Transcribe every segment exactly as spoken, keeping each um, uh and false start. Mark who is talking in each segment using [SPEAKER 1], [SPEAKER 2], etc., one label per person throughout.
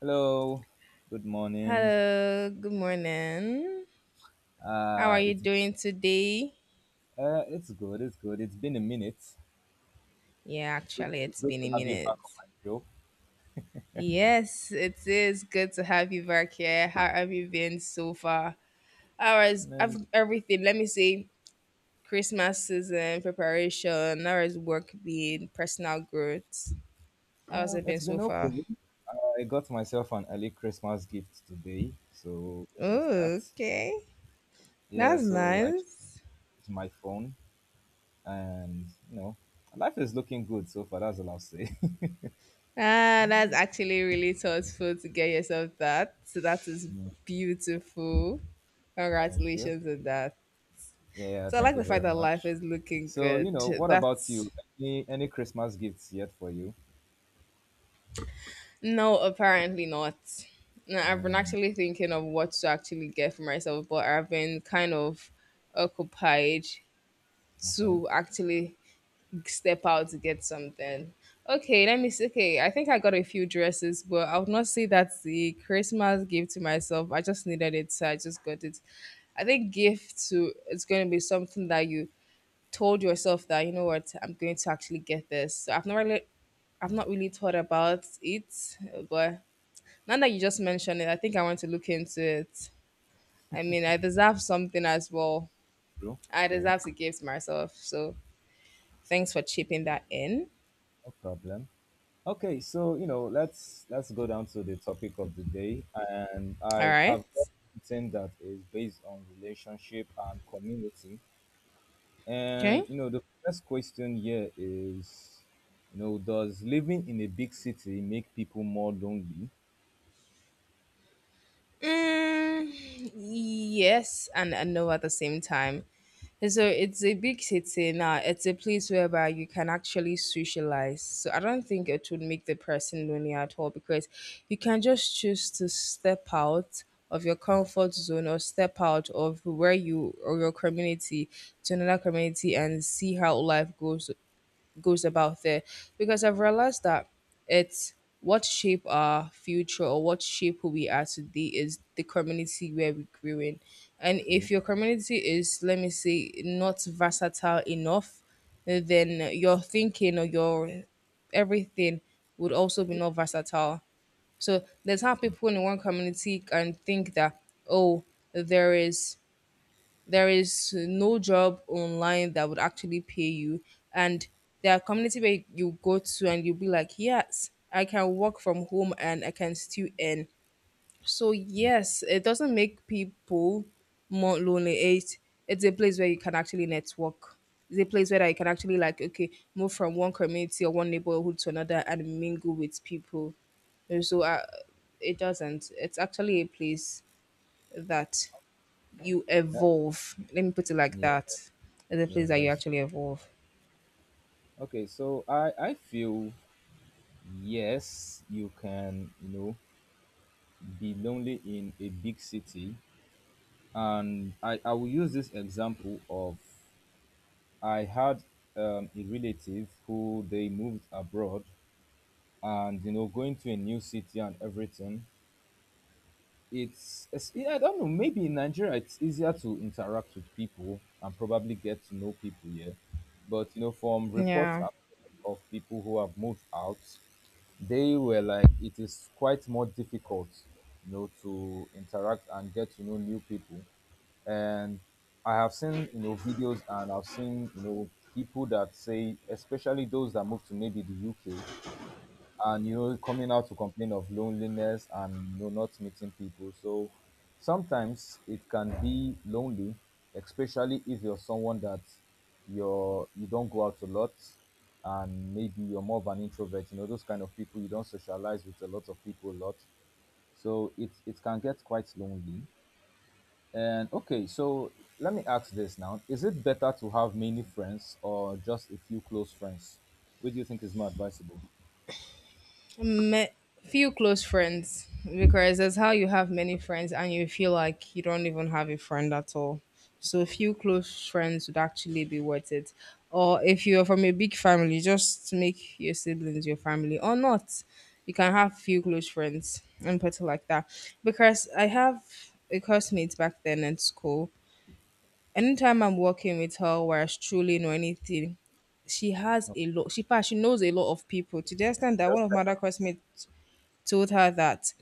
[SPEAKER 1] Hello, good morning.
[SPEAKER 2] Hello, good morning. How are
[SPEAKER 1] Uh,
[SPEAKER 2] you
[SPEAKER 1] it's
[SPEAKER 2] doing today?
[SPEAKER 1] uh, it's good. It's good. It's been a minute.
[SPEAKER 2] Yeah,
[SPEAKER 1] It's good.
[SPEAKER 2] actually,
[SPEAKER 1] It's
[SPEAKER 2] it's
[SPEAKER 1] good
[SPEAKER 2] been
[SPEAKER 1] to
[SPEAKER 2] a
[SPEAKER 1] have you
[SPEAKER 2] minute.
[SPEAKER 1] back on my show.
[SPEAKER 2] Yes, it is good to have you back here. How have you been so far? How is
[SPEAKER 1] And
[SPEAKER 2] ev- everything? Let me say Christmas season preparation. How has work been? Personal growth. How has
[SPEAKER 1] uh,
[SPEAKER 2] it
[SPEAKER 1] it's
[SPEAKER 2] been so
[SPEAKER 1] been
[SPEAKER 2] far?
[SPEAKER 1] okay. I got myself an early Christmas gift today, so here's that.
[SPEAKER 2] Oh, okay.
[SPEAKER 1] Yeah,
[SPEAKER 2] That's
[SPEAKER 1] so I changed
[SPEAKER 2] nice.
[SPEAKER 1] my phone, and you know, life is looking good so far. That's all I'll say.
[SPEAKER 2] Ah, that's actually really thoughtful to get yourself that. So that is
[SPEAKER 1] Yeah.
[SPEAKER 2] beautiful.
[SPEAKER 1] Thank you.
[SPEAKER 2] Congratulations on that.
[SPEAKER 1] Yeah, yeah,
[SPEAKER 2] So I
[SPEAKER 1] thank
[SPEAKER 2] like
[SPEAKER 1] you
[SPEAKER 2] the fact
[SPEAKER 1] very
[SPEAKER 2] that life
[SPEAKER 1] much.
[SPEAKER 2] is looking
[SPEAKER 1] So, you
[SPEAKER 2] good.
[SPEAKER 1] know, what about
[SPEAKER 2] That's
[SPEAKER 1] you? Any any Christmas gifts yet for you?
[SPEAKER 2] No, apparently not. No, I've been
[SPEAKER 1] Mm,
[SPEAKER 2] actually thinking of what to actually get for myself, but I've been kind of occupied
[SPEAKER 1] okay.
[SPEAKER 2] to actually step out to get something. Okay, let me see. Okay, I think I got a few dresses, but I would not say that's the Christmas gift to myself. I just needed it, so I just got it. I think gift to it's going to be something that you told yourself that you know what, I'm going to actually get this. So I've not really, I've not really thought about it, but now that you just mentioned it, I think I want to look into it. I mean, I deserve something as well.
[SPEAKER 1] True,
[SPEAKER 2] I
[SPEAKER 1] true.
[SPEAKER 2] deserve to give to myself. So thanks for chipping that in.
[SPEAKER 1] No problem. Okay, so you know, let's let's go down to the topic of the day, and
[SPEAKER 2] All
[SPEAKER 1] I have
[SPEAKER 2] right.
[SPEAKER 1] got something that is based on relationship and community. And
[SPEAKER 2] Okay.
[SPEAKER 1] you know, the first question here is, you know, does living in a big city make people more lonely?
[SPEAKER 2] Mm, yes, and, and no at the same time. And so it's a big city now. It's a place whereby you can actually socialize. So I don't think it would make the person lonely at all, because you can just choose to step out of your comfort zone or step out of where you or your community to another community and see how life goes goes about there, because I've realized that it's what shape our future or what shape who we are today is the community where we grew in. And
[SPEAKER 1] True.
[SPEAKER 2] if your community is, let me say, not versatile enough, then your thinking or your everything would also be
[SPEAKER 1] Yeah.
[SPEAKER 2] not versatile. So there's how people in one community can think that, oh, there is there is no job online that would actually pay you. And there are community where you go to and you'll be like, yes, I can work from home and I can still earn. So yes, it doesn't make people more lonely. It it's a place where you can actually network. It's a place where you can actually, like, okay, move from one community or one neighborhood to another and mingle with people. And so, uh, it doesn't. It's actually a place that you
[SPEAKER 1] That,
[SPEAKER 2] evolve. Let me put it like
[SPEAKER 1] yeah.
[SPEAKER 2] that. It's a
[SPEAKER 1] Yeah.
[SPEAKER 2] place that you
[SPEAKER 1] That's
[SPEAKER 2] actually evolve.
[SPEAKER 1] okay. So I I feel yes, you can you know be lonely in a big city, and I, I will use this example of I had um, a relative who they moved abroad, and you know going to a new city and everything, it's, it's yeah, I don't know. Maybe in Nigeria it's easier to interact with people and probably get to know people here, but you know, from reports
[SPEAKER 2] Yeah.
[SPEAKER 1] I've heard of people who have moved out, they were like it is quite more difficult, you know, to interact and get to know new people. And I have seen you know videos, and I've seen you know people that say, especially those that moved to maybe the U K, and you know coming out to complain of loneliness, and you know, not meeting people, so sometimes it can be lonely, especially if you're someone that you're you don't go out a lot, and maybe you're more of an introvert, you know those kind of people, you don't socialize with a lot of people a lot, so it it can get quite lonely. And okay, so let me ask this now, is it better to have many friends or just a few close friends? Which do you think is more advisable?
[SPEAKER 2] Met few close friends, because that's how you have many friends and you feel like you don't even have a friend at all. So few close friends would actually be worth it. Or if you're from a big family, just make your siblings your family or not. You can have few close friends and put it like that. Because I have a classmate back then in school. Anytime I'm working with her, where I truly know anything, she has a lot. She in fact, she knows a lot of people, to the extent that
[SPEAKER 1] Just
[SPEAKER 2] one of my
[SPEAKER 1] like
[SPEAKER 2] other classmates told her that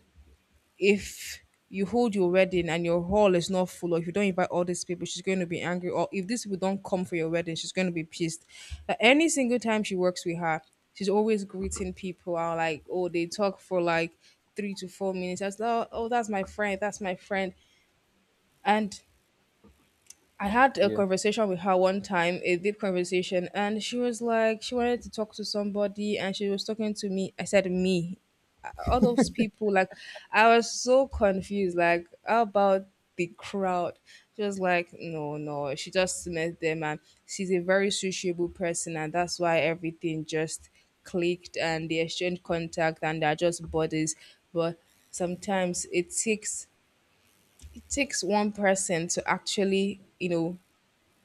[SPEAKER 2] if you hold your wedding and your hall is not full, or if you don't invite all these people, she's going to be angry. Or if these people don't come for your wedding, she's going to be pissed. Like, any single time she works with her, she's always greeting people. And like, oh, they talk for like three to four minutes. I was like, oh, that's my friend, that's my friend. And I had a
[SPEAKER 1] yeah.
[SPEAKER 2] conversation with her one time, a deep conversation, and she was like, she wanted to talk to somebody, and she was talking to me. I said, me? Uh, all those people. Like, I was so confused. Like, how about the crowd? She was like, no, no. She just met them, and she's a very sociable person, and that's why everything just clicked, and they exchanged contact, and they're just buddies. But sometimes it takes it takes one person to actually, you know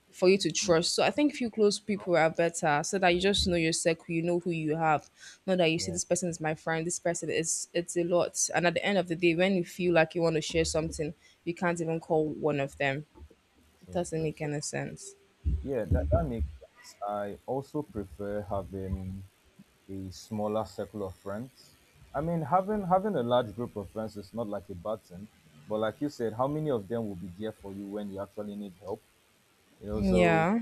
[SPEAKER 2] for you to trust. So I think few close people are better, so that you just know your circle, you know who you have. Not that you see
[SPEAKER 1] Yeah,
[SPEAKER 2] this person is my friend, this person is, it's a lot. And at the end of the day, when you feel like you want to share something, you can't even call one of them. It
[SPEAKER 1] true,
[SPEAKER 2] doesn't
[SPEAKER 1] true.
[SPEAKER 2] make
[SPEAKER 1] So
[SPEAKER 2] any sense.
[SPEAKER 1] yeah, that, that makes sense. I also prefer having a smaller circle of friends. I mean, having having a large group of friends is not like a bad thing, but like you said, how many of them will be there for you when you actually need help? You know, so
[SPEAKER 2] Yeah.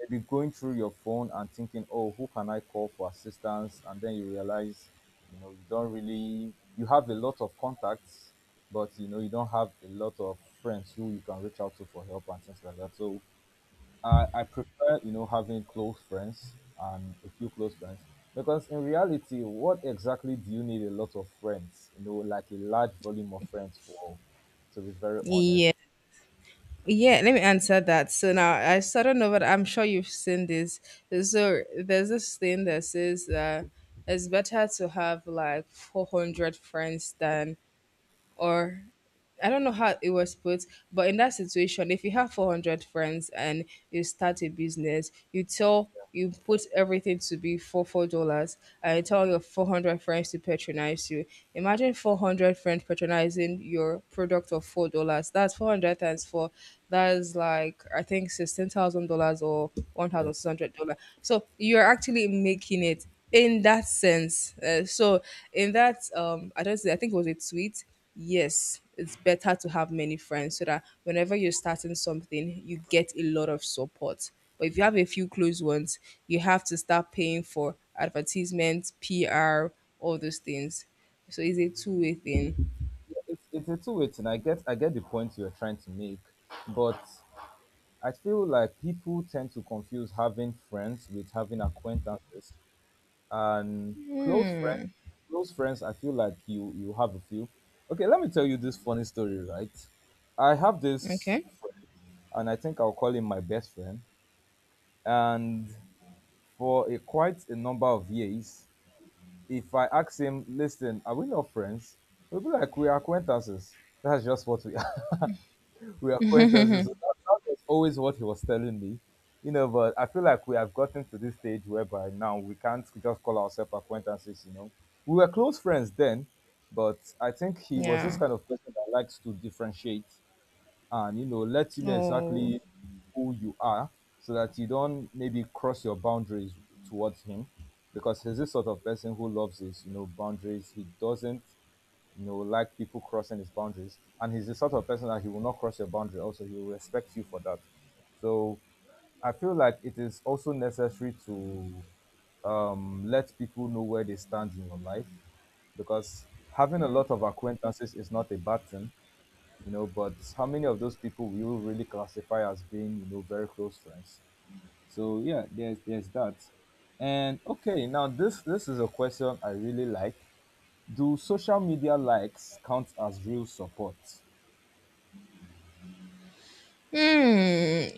[SPEAKER 1] maybe going through your phone and thinking, oh, who can I call for assistance? And then you realize, you know, you don't really you have a lot of contacts, but you know you don't have a lot of friends who you can reach out to for help and things like that, so I, I prefer, you know, having close friends and a few close friends, because in reality, what exactly do you need a lot of friends? You know, like a large volume of friends for, to be very honest.
[SPEAKER 2] Yeah. Yeah, let me answer that. So now I started over. I'm sure you've seen this. So there's this thing that says that it's better to have, like, four hundred friends than, or I don't know how it was put, but in that situation, if you have four hundred friends and you start a business, you tell you put everything to be for four dollars and you tell your four hundred friends to patronize you. Imagine four hundred friends patronizing your product of four dollars. That's four hundred times four. That's like, I think, sixteen thousand dollars or one
[SPEAKER 1] Yeah.
[SPEAKER 2] thousand six hundred dollars. So you're actually making it in that sense. Uh, so in that, um, I don't say, I think it was a tweet. Yes, it's better to have many friends, so that whenever you're starting something, you get a lot of support. But if you have a few close ones, you have to start paying for advertisements, P R, all those things. So it's a two way thing.
[SPEAKER 1] Yeah, It's, it's a two-way thing. I get, I get the point you're trying to make, but I feel like people tend to confuse having friends with having acquaintances. And close friends close friends I feel like you you have a few. Okay, let me tell you this funny story, right? I have this
[SPEAKER 2] Okay.
[SPEAKER 1] friend, and I think I'll call him my best friend. And for a, quite a number of years, if I ask him, listen, are we not friends, he'll be like, we're acquaintances. That's just what we we are, acquaintances. So that, that was always what he was telling me. You know, but I feel like we have gotten to this stage whereby now we can't just call ourselves acquaintances, you know. We were close friends then, but I think he was this
[SPEAKER 2] Yeah.
[SPEAKER 1] kind of person that likes to differentiate, and, you know, let you know
[SPEAKER 2] Oh.
[SPEAKER 1] exactly who you are, so that you don't maybe cross your boundaries towards him, because he's this sort of person who loves his, you know, boundaries. He doesn't you know, like people crossing his boundaries. And he's the sort of person that he will not cross your boundary. Also, he will respect you for that. So I feel like it is also necessary to um, let people know where they stand in your life, because having a lot of acquaintances is not a bad thing, you know, but how many of those people will you really classify as being, you know, very close friends? So yeah, there's there's that. And okay, now this this is a question I really like. Do social media likes count as real support?
[SPEAKER 2] Hmm.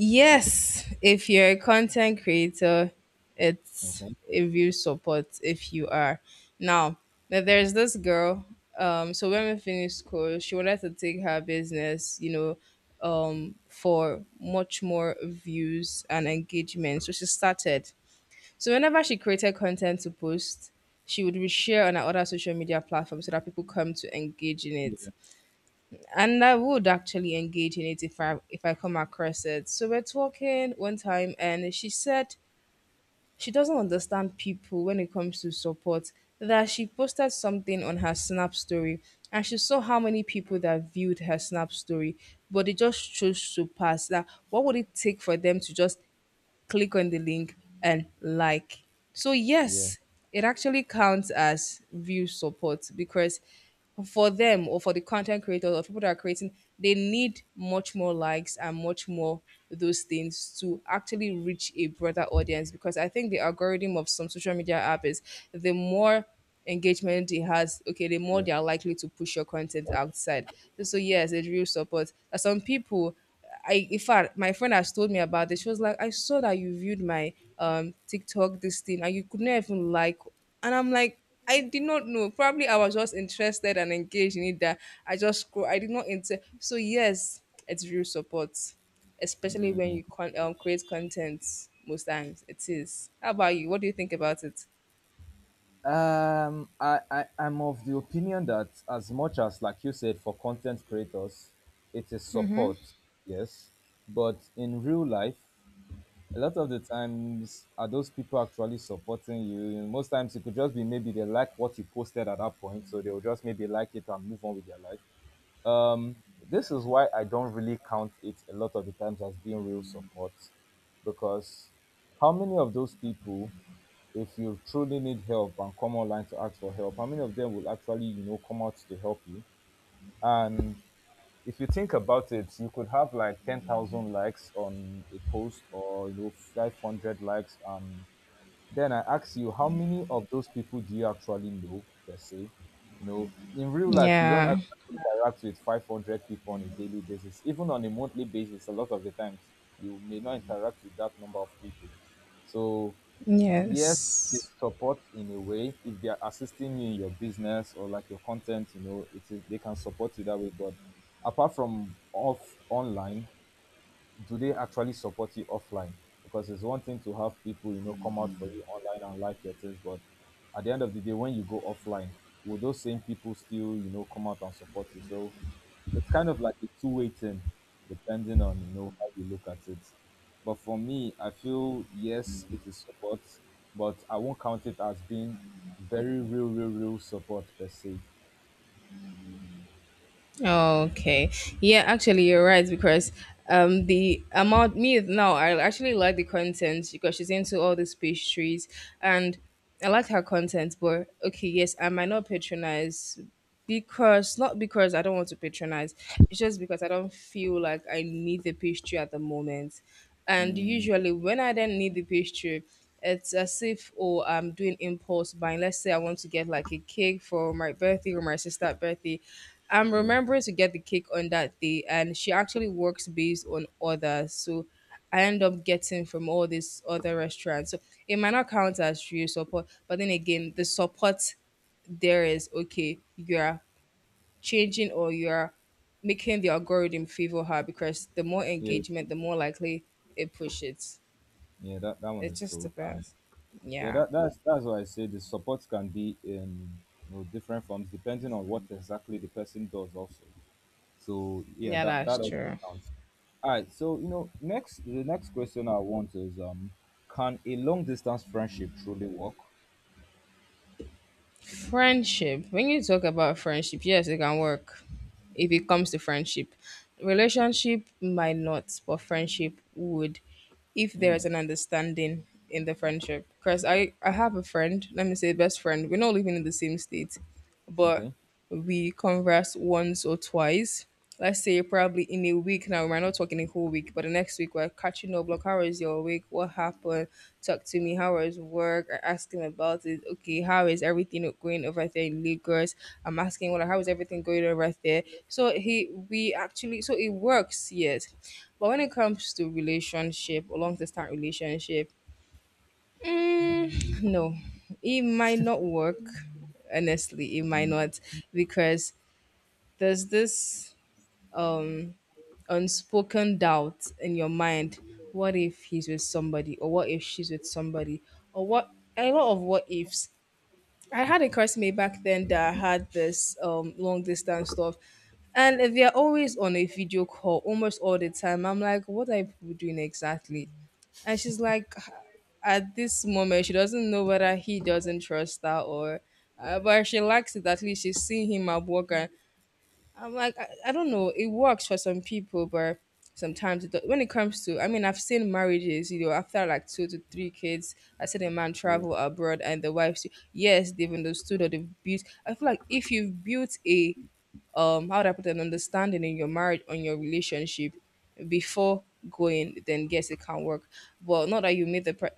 [SPEAKER 2] Yes, if you're a content creator, it's
[SPEAKER 1] Okay.
[SPEAKER 2] a view support if you are. Now, th- there's this girl. Um, so when we finished school, she wanted to take her business, you know, um, for much more views and engagement. So she started. So whenever she created content to post, she would share on her other social media platforms so that people come to engage in it,
[SPEAKER 1] Yeah.
[SPEAKER 2] and I would actually engage in it if I if I come across it. So we're talking one time, and she said she doesn't understand people when it comes to support. That she posted something on her Snap story, and she saw how many people that viewed her Snap story, but they just chose to pass. That what would it take for them to just click on the link and like. So
[SPEAKER 1] Yeah.
[SPEAKER 2] yes, it actually counts as view support, because for them, or for the content creators or people that are creating, they need much more likes and much more those things to actually reach a broader audience. Because I think the algorithm of some social media app is, the more engagement it has, okay, the more
[SPEAKER 1] Yeah.
[SPEAKER 2] they are likely to push your content outside. So yes, it real support. Some people, I, in fact, my friend has told me about this. She was like, I saw that you viewed my um TikTok this thing and you could not even like, and I'm like, I did not know. Probably I was just interested and engaged in it that I just scroll. I did not inter, so yes, it's real support. Especially when you con- um, create content most times. It is. How about you? What do you think about it?
[SPEAKER 1] Um, I, I, I'm of the opinion that, as much as, like you said, for content creators, it is support, yes. But in real life, a lot of the times, are those people actually supporting you? Most times, it could just be maybe they like what you posted at that point, so they'll just maybe like it and move on with their life. Um, This is why I don't really count it a lot of the times as being real support, because how many of those people, if you truly need help and come online to ask for help, how many of them will actually, you know, come out to help you? And if you think about it, you could have like ten thousand likes on a post, or, you know, five hundred likes, and then I ask you, how many of those people do you actually know per se? You know, in real life, you don't
[SPEAKER 2] Yeah.
[SPEAKER 1] actually interact with five hundred people on a daily basis. Even on a monthly basis, a lot of the times, you may not interact with that number of people. So, yes, it is
[SPEAKER 2] Yes.
[SPEAKER 1] support in a way. If they are assisting you in your business or like your content, you know, it is, they can support you that way. But apart from off online, do they actually support you offline? Because it's one thing to have people, you know, come out for you online and like your things, but at the end of the day, when you go offline, will those same people still, you know, come out and support you? So it's kind of like a two-way thing, depending on, you know, how you look at it. But for me, I feel yes, it is support, but I won't count it as being very real, real, real support per se.
[SPEAKER 2] Okay. Yeah, actually, you're right, because um the amount, me now, I actually like the content because she's into all these pastries, and I like her content. But okay, yes, I might not patronize, because not because I don't want to patronize. It's just because I don't feel like I need the pastry at the moment. And
[SPEAKER 1] Mm,
[SPEAKER 2] usually, when I then need the pastry, it's as if, oh, I'm doing impulse buying. Let's say I want to get like a cake for my birthday or my sister's birthday. I'm
[SPEAKER 1] yeah,
[SPEAKER 2] remembering to get the cake on that day, and she actually works based on orders. So I end up getting from all these other restaurants. So it might not count as real support, but then again, the support there is okay. You're changing or you're making the algorithm favor her, because the more
[SPEAKER 1] yeah,
[SPEAKER 2] engagement,
[SPEAKER 1] true.
[SPEAKER 2] the more likely it pushes.
[SPEAKER 1] Yeah, That that one
[SPEAKER 2] It
[SPEAKER 1] is
[SPEAKER 2] just
[SPEAKER 1] true.
[SPEAKER 2] depends.
[SPEAKER 1] Yeah,
[SPEAKER 2] Yeah.
[SPEAKER 1] that, that's that's why I say the support can be in you know, different forms, depending on what exactly the person does also. So yeah,
[SPEAKER 2] Yeah,
[SPEAKER 1] that,
[SPEAKER 2] that's
[SPEAKER 1] that also
[SPEAKER 2] true.
[SPEAKER 1] counts. All right. So you know, next the next question I want is um, can a long distance friendship truly work?
[SPEAKER 2] Friendship. When you talk about friendship, yes, it can work if it comes to friendship. Relationship might not, but friendship would if there is
[SPEAKER 1] Hmm.
[SPEAKER 2] an understanding in the friendship. Because I, I have a friend, let me say best friend, we're not living in the same state, but
[SPEAKER 1] Okay.
[SPEAKER 2] we converse once or twice. Let's say probably in a week. Now, we're not talking a whole week, but the next week we're catching up. Like, how was your week? What happened? Talk to me. How was work? I ask him about it. Okay, how is everything going over there in Lagos? I'm asking, well, how is everything going over there? So he, we actually, so it works, yes. But when it comes to relationship, or long distance relationship, Mm, no, it might not work. Honestly, it might
[SPEAKER 1] Hmm.
[SPEAKER 2] not, because there's this um unspoken doubt in your mind. What if he's with somebody, or what if she's with somebody, or what a lot of what ifs. I had a classmate back then that had this um long distance stuff, and they're always on a video call almost all the time. I'm like, what are you people doing exactly? And she's like, at this moment, she doesn't know whether he doesn't trust her or, uh, but she likes it. At least she's seeing him at work. And I'm like, I, I don't know. It works for some people, but sometimes it, do- when it comes to, I mean, I've seen marriages, you know, after like two to three kids, I seen a man
[SPEAKER 1] Yeah.
[SPEAKER 2] travel abroad and the wife, say, yes, they've understood or they've built. I feel like if you've built a, um, how do I put it, an understanding in your marriage, on your relationship before going, then yes, it can work. But not that you meet the, pre-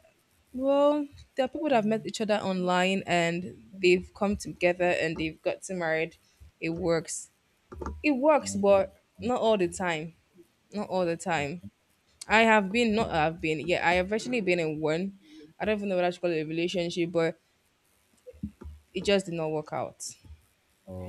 [SPEAKER 2] well, there are people that have met each other online and they've come together and they've gotten married. It works it works,
[SPEAKER 1] Hmm.
[SPEAKER 2] but not all the time. Not all the time.
[SPEAKER 1] Okay.
[SPEAKER 2] I have been, not I've been, yeah, I have actually been in one. I don't even know what I should call it, a relationship, but it just did not work out.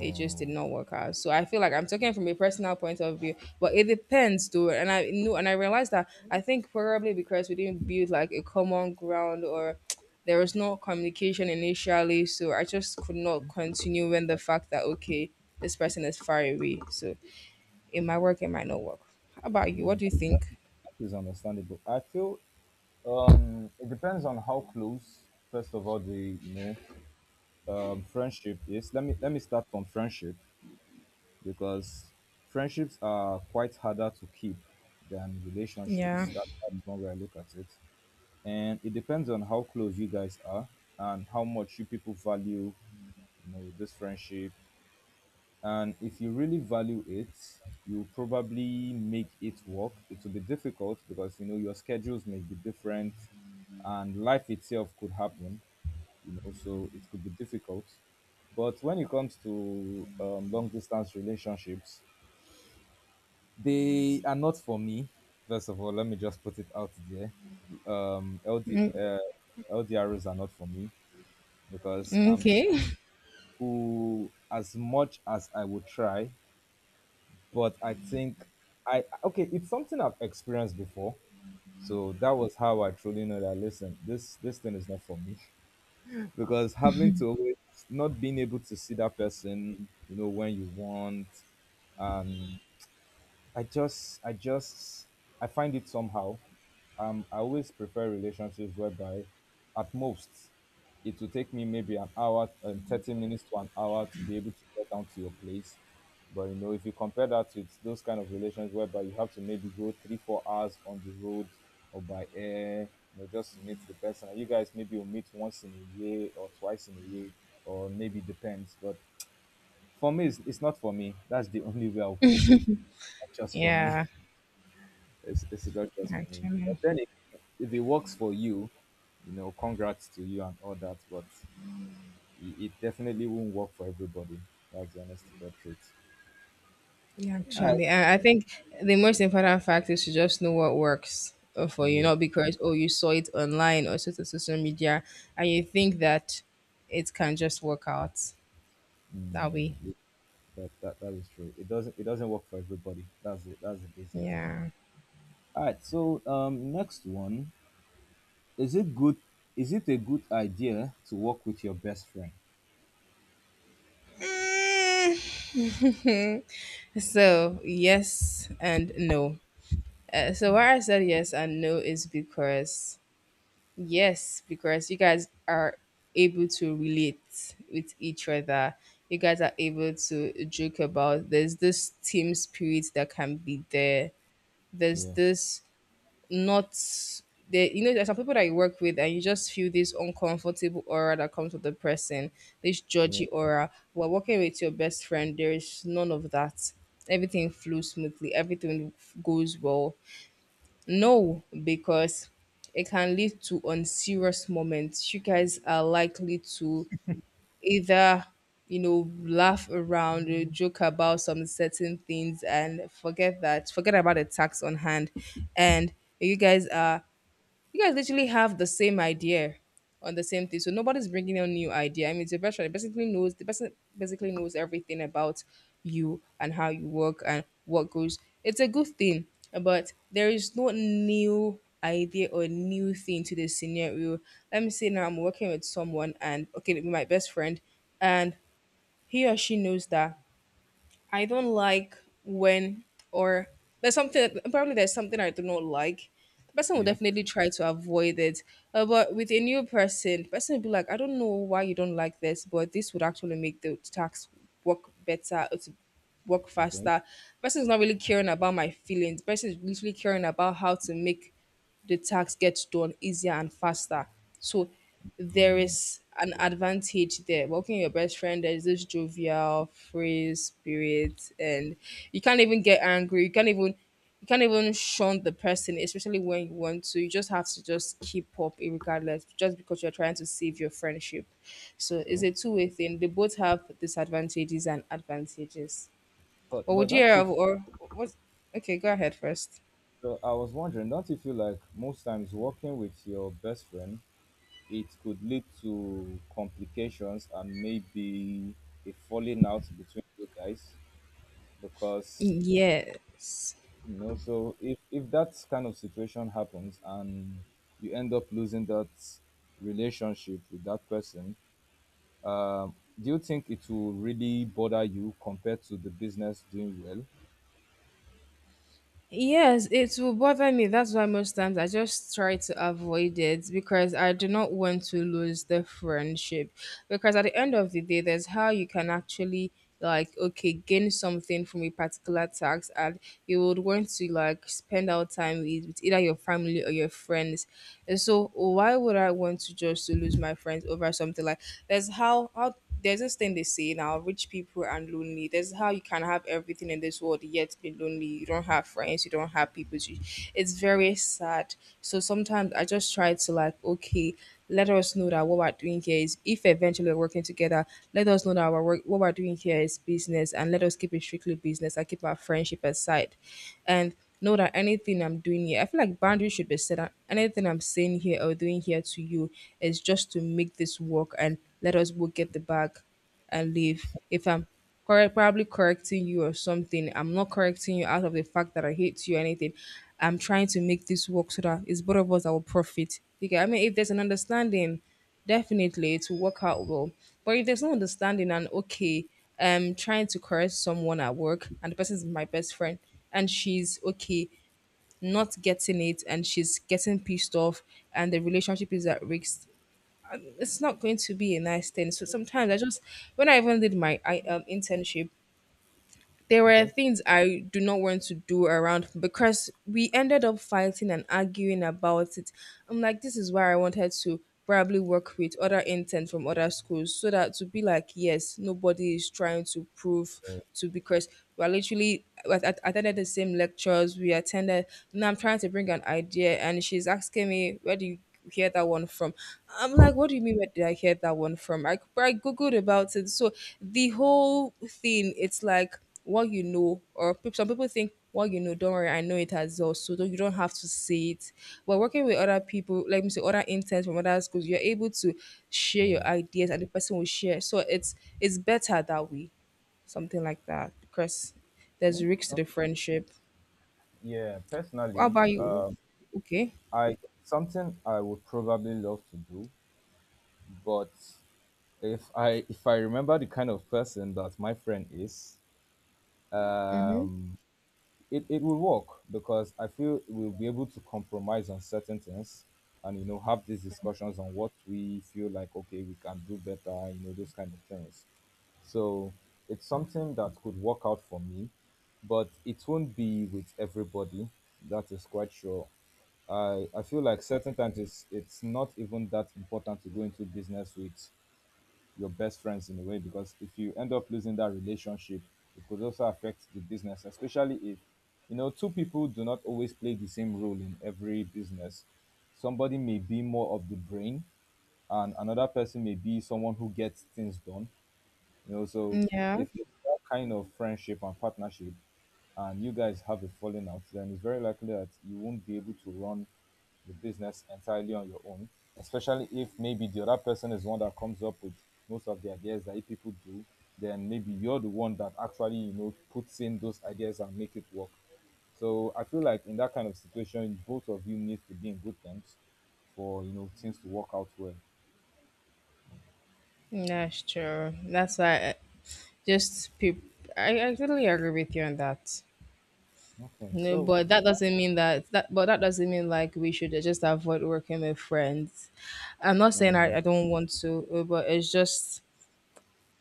[SPEAKER 2] It just did not work out. So I feel like I'm talking from a personal point of view, but it depends, though. And I knew, and I realized that I think probably because we didn't build like a common ground, or there was no communication initially. So I just could not continue when the
[SPEAKER 1] but,
[SPEAKER 2] fact that, okay, this person is far away. So it might work, it might not work. How about you? What
[SPEAKER 1] mm,
[SPEAKER 2] do you
[SPEAKER 1] that,
[SPEAKER 2] think?
[SPEAKER 1] that is understandable. I feel um, it depends on how close, first of all, the you know um, friendship is. Let me let me start from friendship, because friendships are quite harder to keep than
[SPEAKER 2] Yeah.
[SPEAKER 1] relationships. That, that's one way I look at it. And it depends on how close you guys are and how much you people value you know this friendship. And if you really value it, you probably make it work. It will be difficult because you know your schedules may be different, and life itself could happen, you know, so it could be difficult. But when it comes to um, long distance relationships, they are not for me. First of all, let me just put it out there. Um, LD,
[SPEAKER 2] Mm,
[SPEAKER 1] uh, L D Rs are not for me, because I'm
[SPEAKER 2] okay.
[SPEAKER 1] school as much as I would try, but I think, I okay, it's something I've experienced before. So that was how I truly know that, listen, this this thing is not for me. Because having to always not being able to see that person, you know, when you want, and I just, I just, I find it somehow. Um, I always prefer relationships whereby, at most, it will take me maybe an hour, um, thirty minutes to an hour to be able to get down to your place. But you know, if you compare that with those kind of relations whereby you have to maybe go three, four hours on the road or by air, you know, just to meet the person, and you guys maybe will meet once in a year or twice in a year, or maybe depends. But for me, it's, it's not for me. That's the only way I'll put it. Not just for me.
[SPEAKER 2] Yeah.
[SPEAKER 1] It's it's not just for me. But
[SPEAKER 2] Actually.
[SPEAKER 1] then again, if it works for you, you know, congrats to you and all that. But it, it definitely won't work for everybody. That's the honest to God truth.
[SPEAKER 2] Yeah,
[SPEAKER 1] I,
[SPEAKER 2] actually, I, I think the most important fact is to just know what works uh, for you,
[SPEAKER 1] yes,
[SPEAKER 2] not because, oh, you saw it online or so- so- social media, and you think that it can just work out that way.
[SPEAKER 1] it- that, that that is true. It doesn't it doesn't work for everybody. That's it. That's the basic thing.
[SPEAKER 2] Yeah.
[SPEAKER 1] All right. So um, next one is it good? Is it a good idea to work with your best friend?
[SPEAKER 2] So, yes and no. Uh, so, why I said yes and no is because, yes, because you guys are able to relate with each other. You guys are able to joke about, there's this team spirit that can be there. There's
[SPEAKER 1] Yeah.
[SPEAKER 2] this not there, you know there's some people that you work with and you just feel this uncomfortable aura that comes with the person, this
[SPEAKER 1] Yeah.
[SPEAKER 2] judgy aura. While working with your best friend, there is none of that. Everything flows smoothly, everything goes well. No, because it can lead to unserious moments. You guys are likely to either, you know, laugh around or joke about some certain things, and forget that, forget about the tax on hand. And you guys are you guys literally have the same idea on the same thing. So nobody's bringing a new idea. I mean, it's a veteran. It basically knows the person basically knows everything about you and how you work and what goes. It's a good thing, but there is no new idea or new thing to the scenario. Let me say now I'm working with someone and okay, it'll be my best friend, and he or she knows that I don't like when, or there's something probably there's something I do not like. The person will
[SPEAKER 1] Yeah.
[SPEAKER 2] definitely try to avoid it. Uh, but with a new person, the person will be like, I don't know why you don't like this, but this would actually make the tax work better, uh, to work
[SPEAKER 1] Okay.
[SPEAKER 2] faster. Person is not really caring about my feelings. Person is literally caring about how to make the task gets done easier and faster. So there is an advantage there. Working with your best friend, there's this jovial, free spirit, and you can't even get angry. You can't even you can't even shun the person, especially when you want to. You just have to just keep up regardless, just because you're trying to save your friendship. So it's
[SPEAKER 1] True.
[SPEAKER 2] a two-way thing. They both have disadvantages and advantages. But
[SPEAKER 1] But but
[SPEAKER 2] would you
[SPEAKER 1] don't you
[SPEAKER 2] have, or what? Okay, go ahead first.
[SPEAKER 1] So I was wondering, don't you feel like most times working with your best friend, it could lead to complications and maybe a falling out between you guys? Because
[SPEAKER 2] Yes.
[SPEAKER 1] you know, so if if that kind of situation happens and you end up losing that relationship with that person, um, do you think it will really bother you compared to the business doing well?
[SPEAKER 2] Yes, it will bother me. That's why most times I just try to avoid it, because I do not want to lose the friendship. Because at the end of the day, there's how you can actually, like, okay, gain something from a particular tax, and you would want to like spend our time with, with either your family or your friends, and so why would I want to just to lose my friends over something? Like, there's how how there's this thing they say now, rich people and lonely. There's how you can have everything in this world yet be lonely, you don't have friends, you don't have people to, it's very sad. So sometimes I just try to, like, okay, let us know that what we're doing here is, if eventually we're working together, let us know that our work, what we're doing here is business, and let us keep it strictly business and keep our friendship aside. And know that anything I'm doing here, I feel like boundaries should be set. That anything I'm saying here or doing here to you is just to make this work and let us both get the bag and leave. If I'm correct, probably correcting you or something, I'm not correcting you out of the fact that I hate you or anything. I'm trying to make this work so that it's both of us that will profit. You get? I mean, if there's an understanding, definitely, it will work out well. But if there's no understanding, and okay, um, trying to correct someone at work and the person is my best friend and she's okay, not getting it, and she's getting pissed off, and the relationship is at risk, it's not going to be a nice thing. So sometimes I just, when I even did my I, um, internship, there were
[SPEAKER 1] Okay.
[SPEAKER 2] things I do not want to do around because we ended up fighting and arguing about it. I'm like, this is why I wanted to probably work with other interns from other schools, so that to be like, yes, nobody is trying to prove
[SPEAKER 1] Yeah,
[SPEAKER 2] to, because we are literally, we at- attended the same lectures we attended. Now I'm trying to bring an idea, and she's asking me, where do you hear that one from? I'm like, what do you mean? Where did I hear that one from? I, I googled about it. So the whole thing, it's like what you know, or peop- some people think what you know, don't worry, I know it as well, so don't, you don't have to say it. But working with other people, like me say, other interns from other schools, you're able to share
[SPEAKER 1] yeah.
[SPEAKER 2] your ideas, and the person will share. So it's it's better that way, something like that, because there's
[SPEAKER 1] Okay.
[SPEAKER 2] risks to the
[SPEAKER 1] Okay.
[SPEAKER 2] friendship.
[SPEAKER 1] Yeah.
[SPEAKER 2] How
[SPEAKER 1] Personally,
[SPEAKER 2] about you?
[SPEAKER 1] um,
[SPEAKER 2] Okay.
[SPEAKER 1] I something I would probably love to do, but if I if I remember the kind of person that my friend is,
[SPEAKER 2] Mm-hmm.
[SPEAKER 1] um, it, it will work because I feel we'll be able to compromise on certain things, and you know, have these discussions on what we feel like okay we can do better, you know, those kind of things. So it's something that could work out for me, but it won't be with everybody. That is quite sure. I, I feel like certain times it's it's not even that important to go into business with your best friends in a way, because if you end up losing that relationship it could also affect the business, especially if you know two people do not always play the same role in every business. Somebody may be more of the brain and another person may be someone who gets things done, you know. So
[SPEAKER 2] Yeah.
[SPEAKER 1] if it's that kind of friendship and partnership and you guys have a falling out, then it's very likely that you won't be able to run the business entirely on your own, especially if maybe the other person is the one that comes up with most of the ideas that you people do, then maybe you're the one that actually, you know, puts in those ideas and make it work. So I feel like in that kind of situation, both of you need to be in good terms for you know things to work out well.
[SPEAKER 2] That's true. That's why I- just people. I, I totally agree with you on that.
[SPEAKER 1] Okay,
[SPEAKER 2] No,
[SPEAKER 1] so
[SPEAKER 2] but that doesn't mean that that but that doesn't mean like we should just avoid working with friends. I'm not saying I,
[SPEAKER 1] um,
[SPEAKER 2] I don't want to, uh, but it's just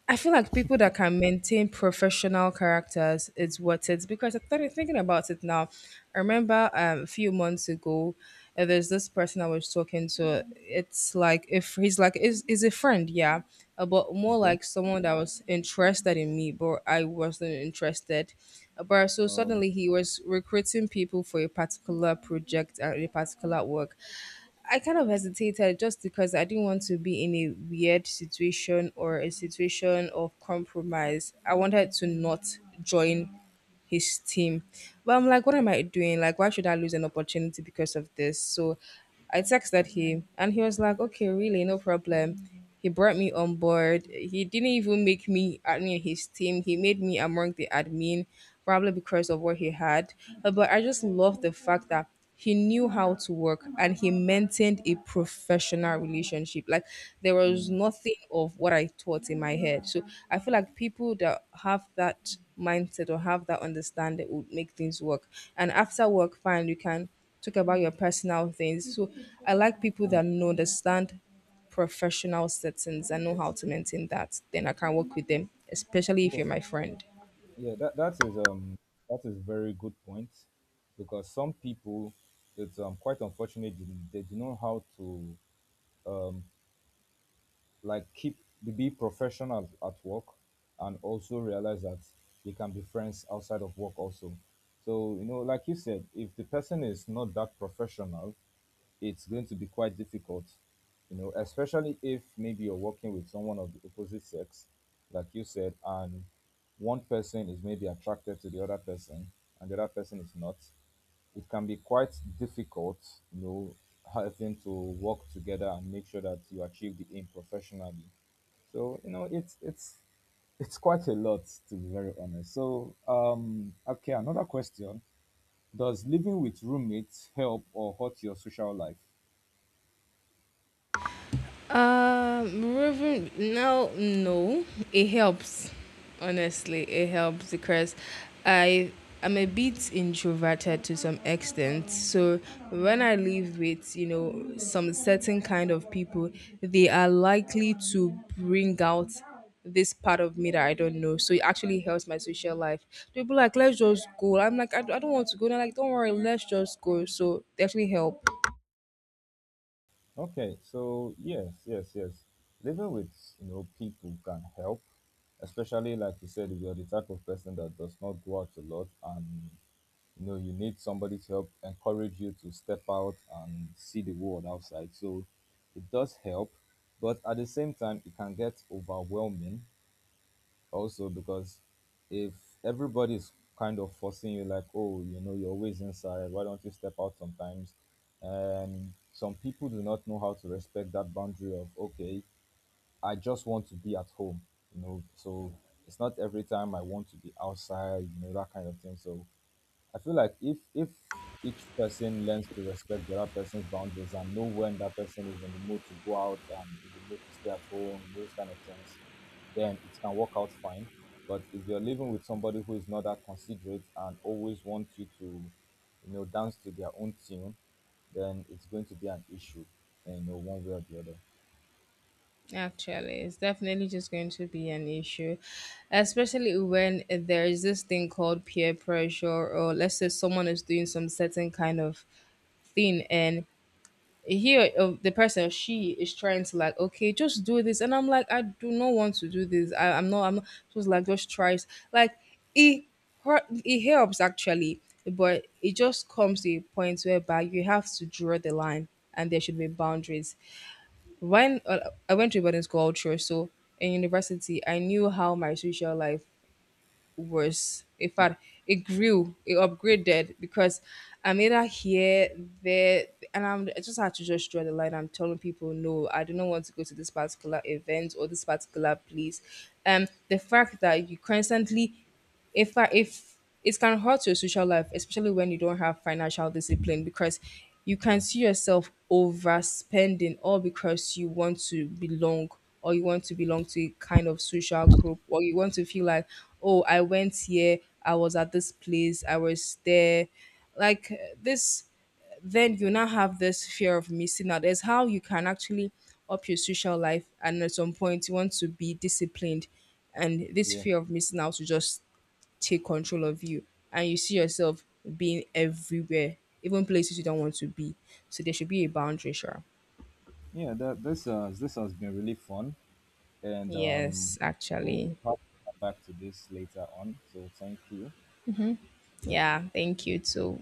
[SPEAKER 2] I feel like people that can maintain professional characters is what it's, because I started thinking about it now. I remember um, a few months ago, uh, there's this person I was talking to. It's like if he's like is is a friend, yeah, uh, but more
[SPEAKER 1] okay,
[SPEAKER 2] like someone that was interested in me, but I wasn't interested. Uh, But so
[SPEAKER 1] um,
[SPEAKER 2] suddenly he was recruiting people for a particular project and a particular work. I kind of hesitated just because I didn't want to be in a weird situation or a situation of compromise. I wanted to not join his team. But I'm like, what am I doing? Like, why should I lose an opportunity because of this? So I texted him and he was like, okay, really, no problem. He brought me on board. He didn't even make me admin his team. He made me among the admin, probably because of what he had. Uh, But I just love the fact that he knew how to work and he maintained a professional relationship. Like, there was nothing of what I thought in my head. So I feel like people that have that mindset or have that understanding would make things work, and after work, fine, you can talk about your personal things. So I like people
[SPEAKER 1] Y-
[SPEAKER 2] that know, understand professional settings and know how to maintain that, then I can work with them, especially if
[SPEAKER 1] Yeah,
[SPEAKER 2] you're my friend.
[SPEAKER 1] yeah, that that is um that is very good point because some people it's um quite unfortunate they, they do not know how to um, like keep be professional at work and also realize that they can be friends outside of work also. So you know like you said, if the person is not that professional it's going to be quite difficult, you know, especially if maybe you're working with someone of the opposite sex, like you said, and one person is maybe attracted to the other person and the other person is not, it can be quite difficult, you know, having to work together and make sure that you achieve the aim professionally. So, you know, it's it's it's quite a lot to be very honest. So, um, okay, another question: Does living with roommates help or hurt your social life?
[SPEAKER 2] Um, moving no, no, it helps. Honestly, it helps because I I'm a bit introverted to some extent. So when I live with, you know some certain kind of people, they are likely to bring out this part of me that I don't know. So it actually helps my social life. People are like, let's just go. I'm like, I, I don't want to go. They're like, don't worry, let's just go. So they actually help.
[SPEAKER 1] Okay, so yes, yes, yes. Living with you know people can help, especially like you said, if you're the type of person that does not go out a lot and you know you need somebody to help encourage you to step out and see the world outside. So it does help, but at the same time it can get overwhelming also, because if everybody's kind of forcing you like oh you know you're always inside why don't you step out sometimes, and some people do not know how to respect that boundary of okay I just want to be at home, you know. So it's not every time I want to be outside, you know, that kind of thing. So I feel like if if each person learns to respect the other person's boundaries and know when that person is in the mood to go out and in the mood to stay at home, those kind of things, then it can work out fine. But if you're living with somebody who is not that considerate and always wants you to, you know, dance to their own tune, then it's going to be an issue, you know, one way or the other.
[SPEAKER 2] Actually, it's definitely just going to be an issue, especially when there is this thing called peer pressure, or let's say someone is doing some certain kind of thing, and he or or the person or she is trying to, like, okay, just do this, and I'm like, I do not want to do this. I, I'm not. I'm not. Just like just tries. Like it, hurt- it helps actually, but it just comes to a point whereby you have to draw the line, and there should be boundaries when uh, I went to a boarding school culture, so in university, I knew how my social life was. In fact, it grew, it upgraded because I'm either here, there, and I'm I just had to just draw the line. I'm telling people, no, I do not want to go to this particular event or this particular place. Um, the fact that you constantly, if I, if it can hurt your social life, especially when you don't have financial discipline, because you can
[SPEAKER 1] So
[SPEAKER 2] see yourself overspending, all because you want to belong, or you want to belong to a kind of social group, or you want to feel like, oh, I went here, I was at this place, I was there. Like uh, this, then you now have this fear of missing out. It's how you can actually up your social life, and at some point, you want to be disciplined, and this
[SPEAKER 1] yeah,
[SPEAKER 2] fear of missing out will just take control of you, and you see yourself being everywhere, even places you don't want to be. So there should be a boundary, sure.
[SPEAKER 1] yeah. That, this uh, this has been really fun, and um,
[SPEAKER 2] Yes,
[SPEAKER 1] we'll
[SPEAKER 2] actually.
[SPEAKER 1] have to come back to this later on. So thank you.
[SPEAKER 2] Yeah, thank you too.